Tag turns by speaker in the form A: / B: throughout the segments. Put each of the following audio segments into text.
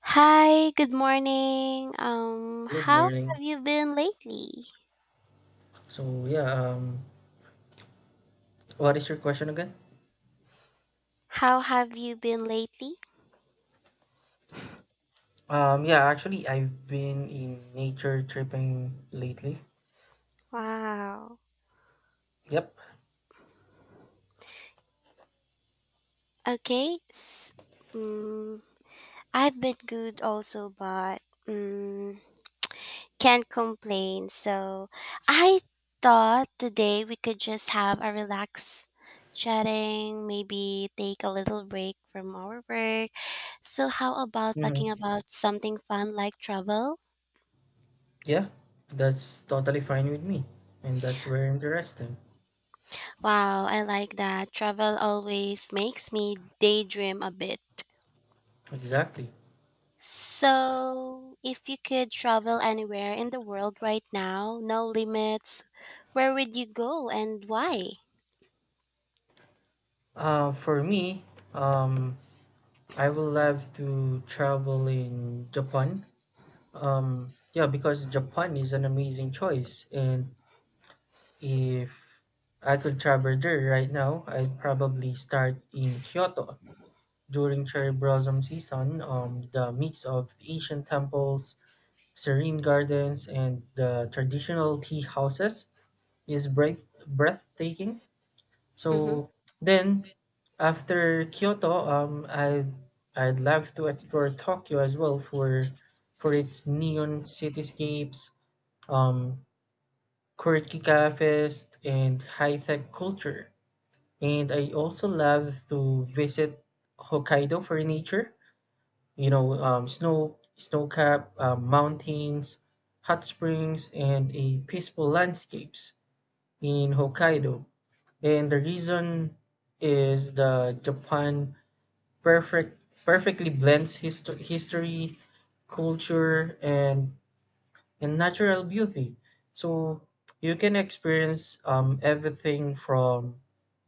A: Hi, good morning.
B: Good
A: How
B: morning.
A: have you been lately?
B: So yeah, um, what is your question again?
A: How have you been lately?
B: Yeah, actually, I've been in nature tripping lately.
A: Wow.
B: Yep.
A: Okay. Mm, I've been good also, but mm, can't complain. So I thought today we could just have a relaxed chatting, maybe take a little break from our work. So how about
B: Mm-hmm.
A: talking about something fun like travel?
B: Yeah, that's totally fine with me, and that's very interesting.
A: Wow, I like that. Travel always makes me daydream a bit.
B: Exactly.
A: So, if you could travel anywhere in the world right now, no limits, where would you go and why?
B: For me, um, I will love to travel in Japan. Yeah, because Japan is an amazing choice, and if I could travel there right now, I'd probably start in Kyoto during cherry blossom season. The mix of ancient temples, serene gardens, and the traditional tea houses is breathtaking.
A: Mm-hmm.
B: So then, after Kyoto, I'd love to explore Tokyo as well for its neon cityscapes, um, quirky cafes, and high tech culture. And I also love to visit Hokkaido for nature, snow-capped mountains, hot springs, and a peaceful landscapes in Hokkaido. And the reason is the Japan perfectly blends history, culture, and natural beauty. So you can experience everything from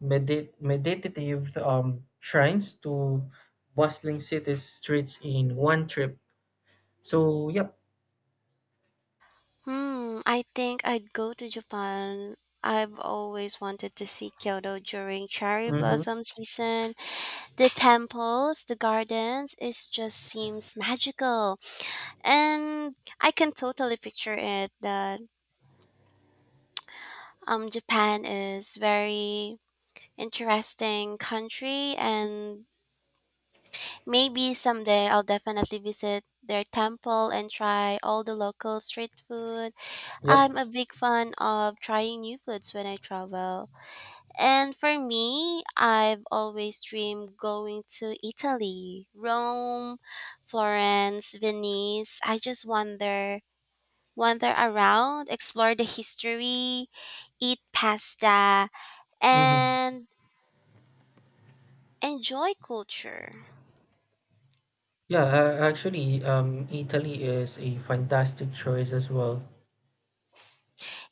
B: meditative shrines to bustling city streets in one trip. So, yep.
A: Hmm, I think I'd go to Japan. I've always wanted to see Kyoto during cherry
B: Hmm.
A: blossom season. The temples, the gardens, it just seems magical. And I can totally picture it the Japan is very interesting country, and maybe someday I'll definitely visit their temple and try all the local street food.
B: Yep.
A: I'm a big fan of trying new foods when I travel. And for me, I've always dreamed going to Italy, Rome, Florence, Venice. I just wander around, explore the history, eat pasta,
B: Hmm.
A: and enjoy culture.
B: Yeah, actually, Italy is a fantastic choice as well.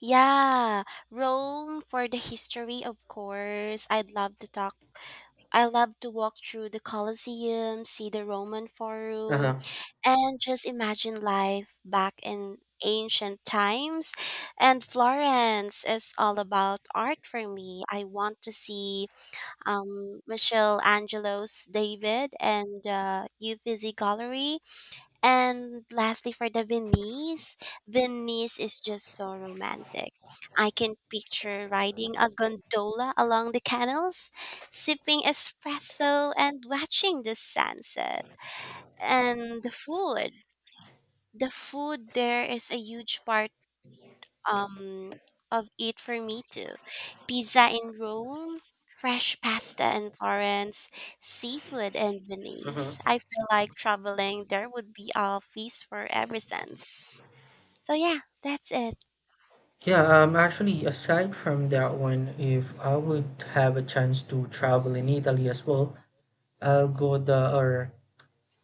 A: Yeah, Rome for the history, of course. I'd love to talk. I love to walk through the Colosseum, see the Roman Forum,
B: Uh-huh.
A: and just imagine life back in ancient times. And Florence is all about art for me. I want to see Michelangelo's David and Uffizi Gallery. And lastly, for the Venice, Venice is just so romantic. I can picture riding a gondola along the canals, sipping espresso, and watching the sunset. And the food. The food there is a huge part um of it for me too. Pizza in Rome, fresh pasta in Florence, seafood in
B: Uh-huh.
A: Venice. I feel like traveling there would be a feast for every sense. So yeah, that's it.
B: Yeah, actually, aside from that one, if I would have a chance to travel in Italy as well, I'll go the or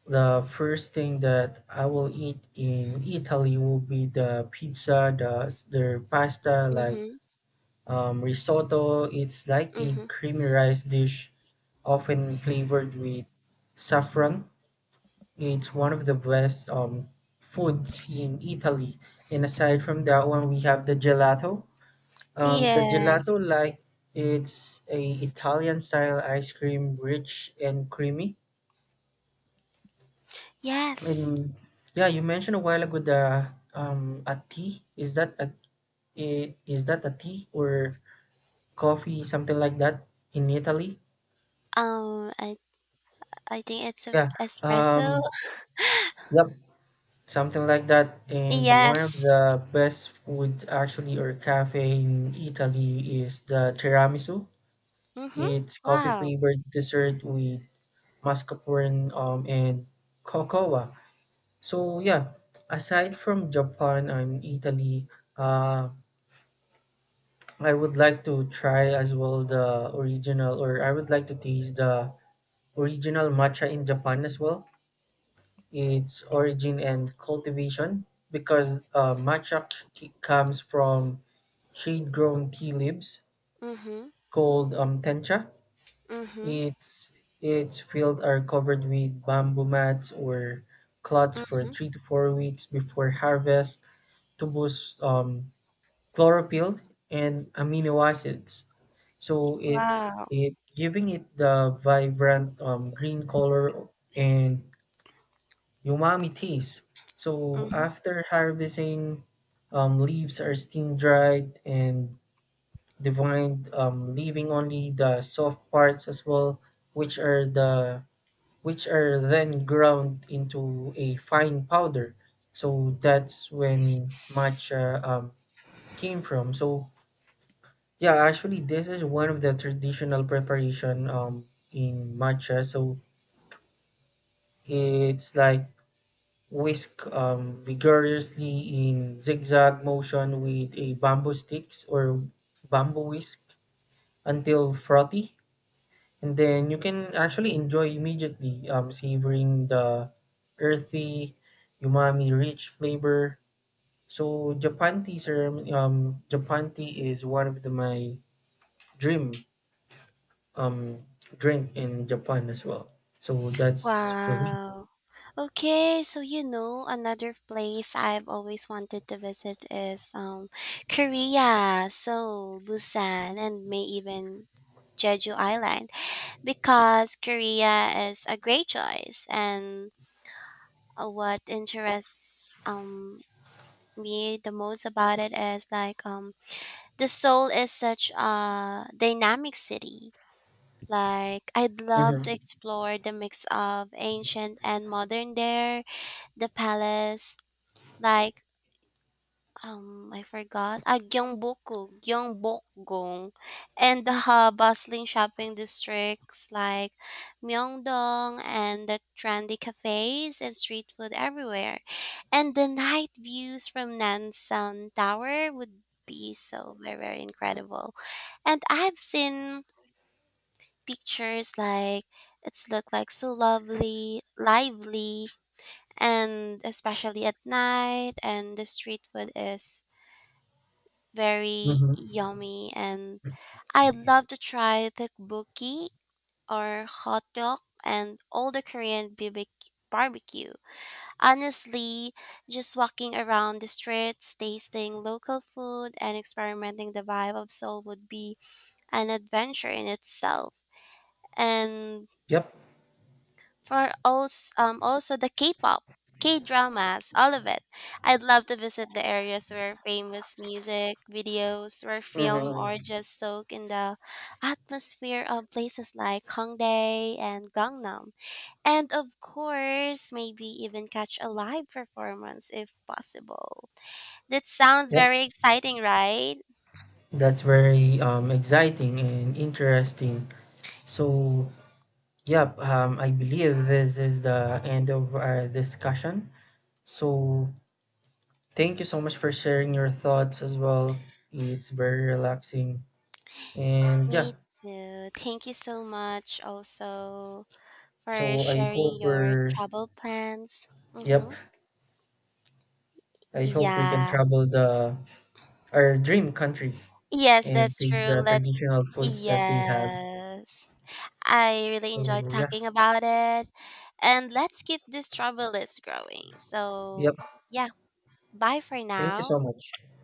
B: the first thing that I will eat in Italy will be the pizza, their pasta, like
A: Mhm.
B: Risotto is like a
A: Mhm.
B: creamy rice dish, often flavored with saffron. It's one of the best foods in Italy. And aside from that one, we have the gelato. The
A: Yes.
B: gelato, like it's a Italian style ice cream, rich and creamy.
A: Yes.
B: And yeah, you mentioned a while ago the a tea. Is that a tea or coffee, something like that in Italy?
A: Um I I think it's a
B: Yeah.
A: espresso.
B: Um, yep. Something like that. And one of
A: Yes.
B: the best food actually or cafe in Italy is the tiramisu.
A: Mhm.
B: It's coffee
A: Wow.
B: flavored dessert with mascarpone and cocoa. So yeah, aside from Japan and Italy, uh, I would like to try as well the original, or I would like to taste the original matcha in Japan as well. Its origin and cultivation, because matcha comes from shade-grown tea leaves
A: Mhm.
B: called tencha.
A: Mhm.
B: Its its fields are covered with bamboo mats or cloths for
A: Mhm.
B: 3 to 4 weeks before harvest to boost chlorophyll and amino acids. So it's
A: Wow.
B: it giving it the vibrant green color and umami taste. So
A: Mhm.
B: after harvesting, leaves are steam dried and divined, leaving only the soft parts as well, which are the which are then ground into a fine powder. So that's when matcha came from. So yeah, actually, this is one of the traditional preparation in matcha. So it's like whisk vigorously in zigzag motion with a bamboo sticks or bamboo whisk until frothy, and then you can actually enjoy immediately, savoring the earthy umami rich flavor. So Japan tea sir, Japan tea is one of the, my dream um, drink in Japan as well. So that's for me.
A: Wow. Okay, so you know, another place I've always wanted to visit is Korea, Seoul, Busan, and may even Jeju Island, because Korea is a great choice, and what interests me the most about it is like the Seoul is such a dynamic city. Like I'd love to
B: Hmm.
A: explore the mix of ancient and modern there the palace like, I forgot, ah, Gyeongbokgung, and the bustling shopping districts like Myeongdong, and the trendy cafes and street food everywhere. And the night views from Nansan Tower would be so very, very incredible. And I've seen pictures like it's looked like so lovely, lively, and especially at night, and the street food is very
B: Hmm.
A: yummy, and I'd love to try tteokbokki or hot dog and all the Korean BBQ barbecue. Honestly, just walking around the streets, tasting local food and experimenting the vibe of Seoul would be an adventure in itself. And
B: Yep.
A: for also also the K-pop, K-dramas, all of it. I'd love to visit the areas where famous music videos were filmed, or
B: Hmm.
A: just soak in the atmosphere of places like Hongdae and Gangnam. And of course, maybe even catch a live performance if possible. That sounds
B: Yep.
A: very exciting, right?
B: That's very exciting and interesting. So, yep, I believe this is the end of our discussion. So, thank you so much for sharing your thoughts as well. It's very relaxing. And
A: Me too. Thank you so much also for
B: so I
A: sharing
B: hope
A: your
B: we're,
A: travel plans.
B: yep,
A: Mm-hmm.
B: I hope we can
A: Yeah.
B: travel the our dream country
A: Yes,
B: and
A: that's
B: taste
A: true.
B: the
A: Let
B: traditional foods that they have.
A: yes. I really enjoyed
B: So,
A: talking about it. And let's keep this travel list growing.
B: yep,
A: So yeah, bye for
B: thank you
A: now.
B: so much.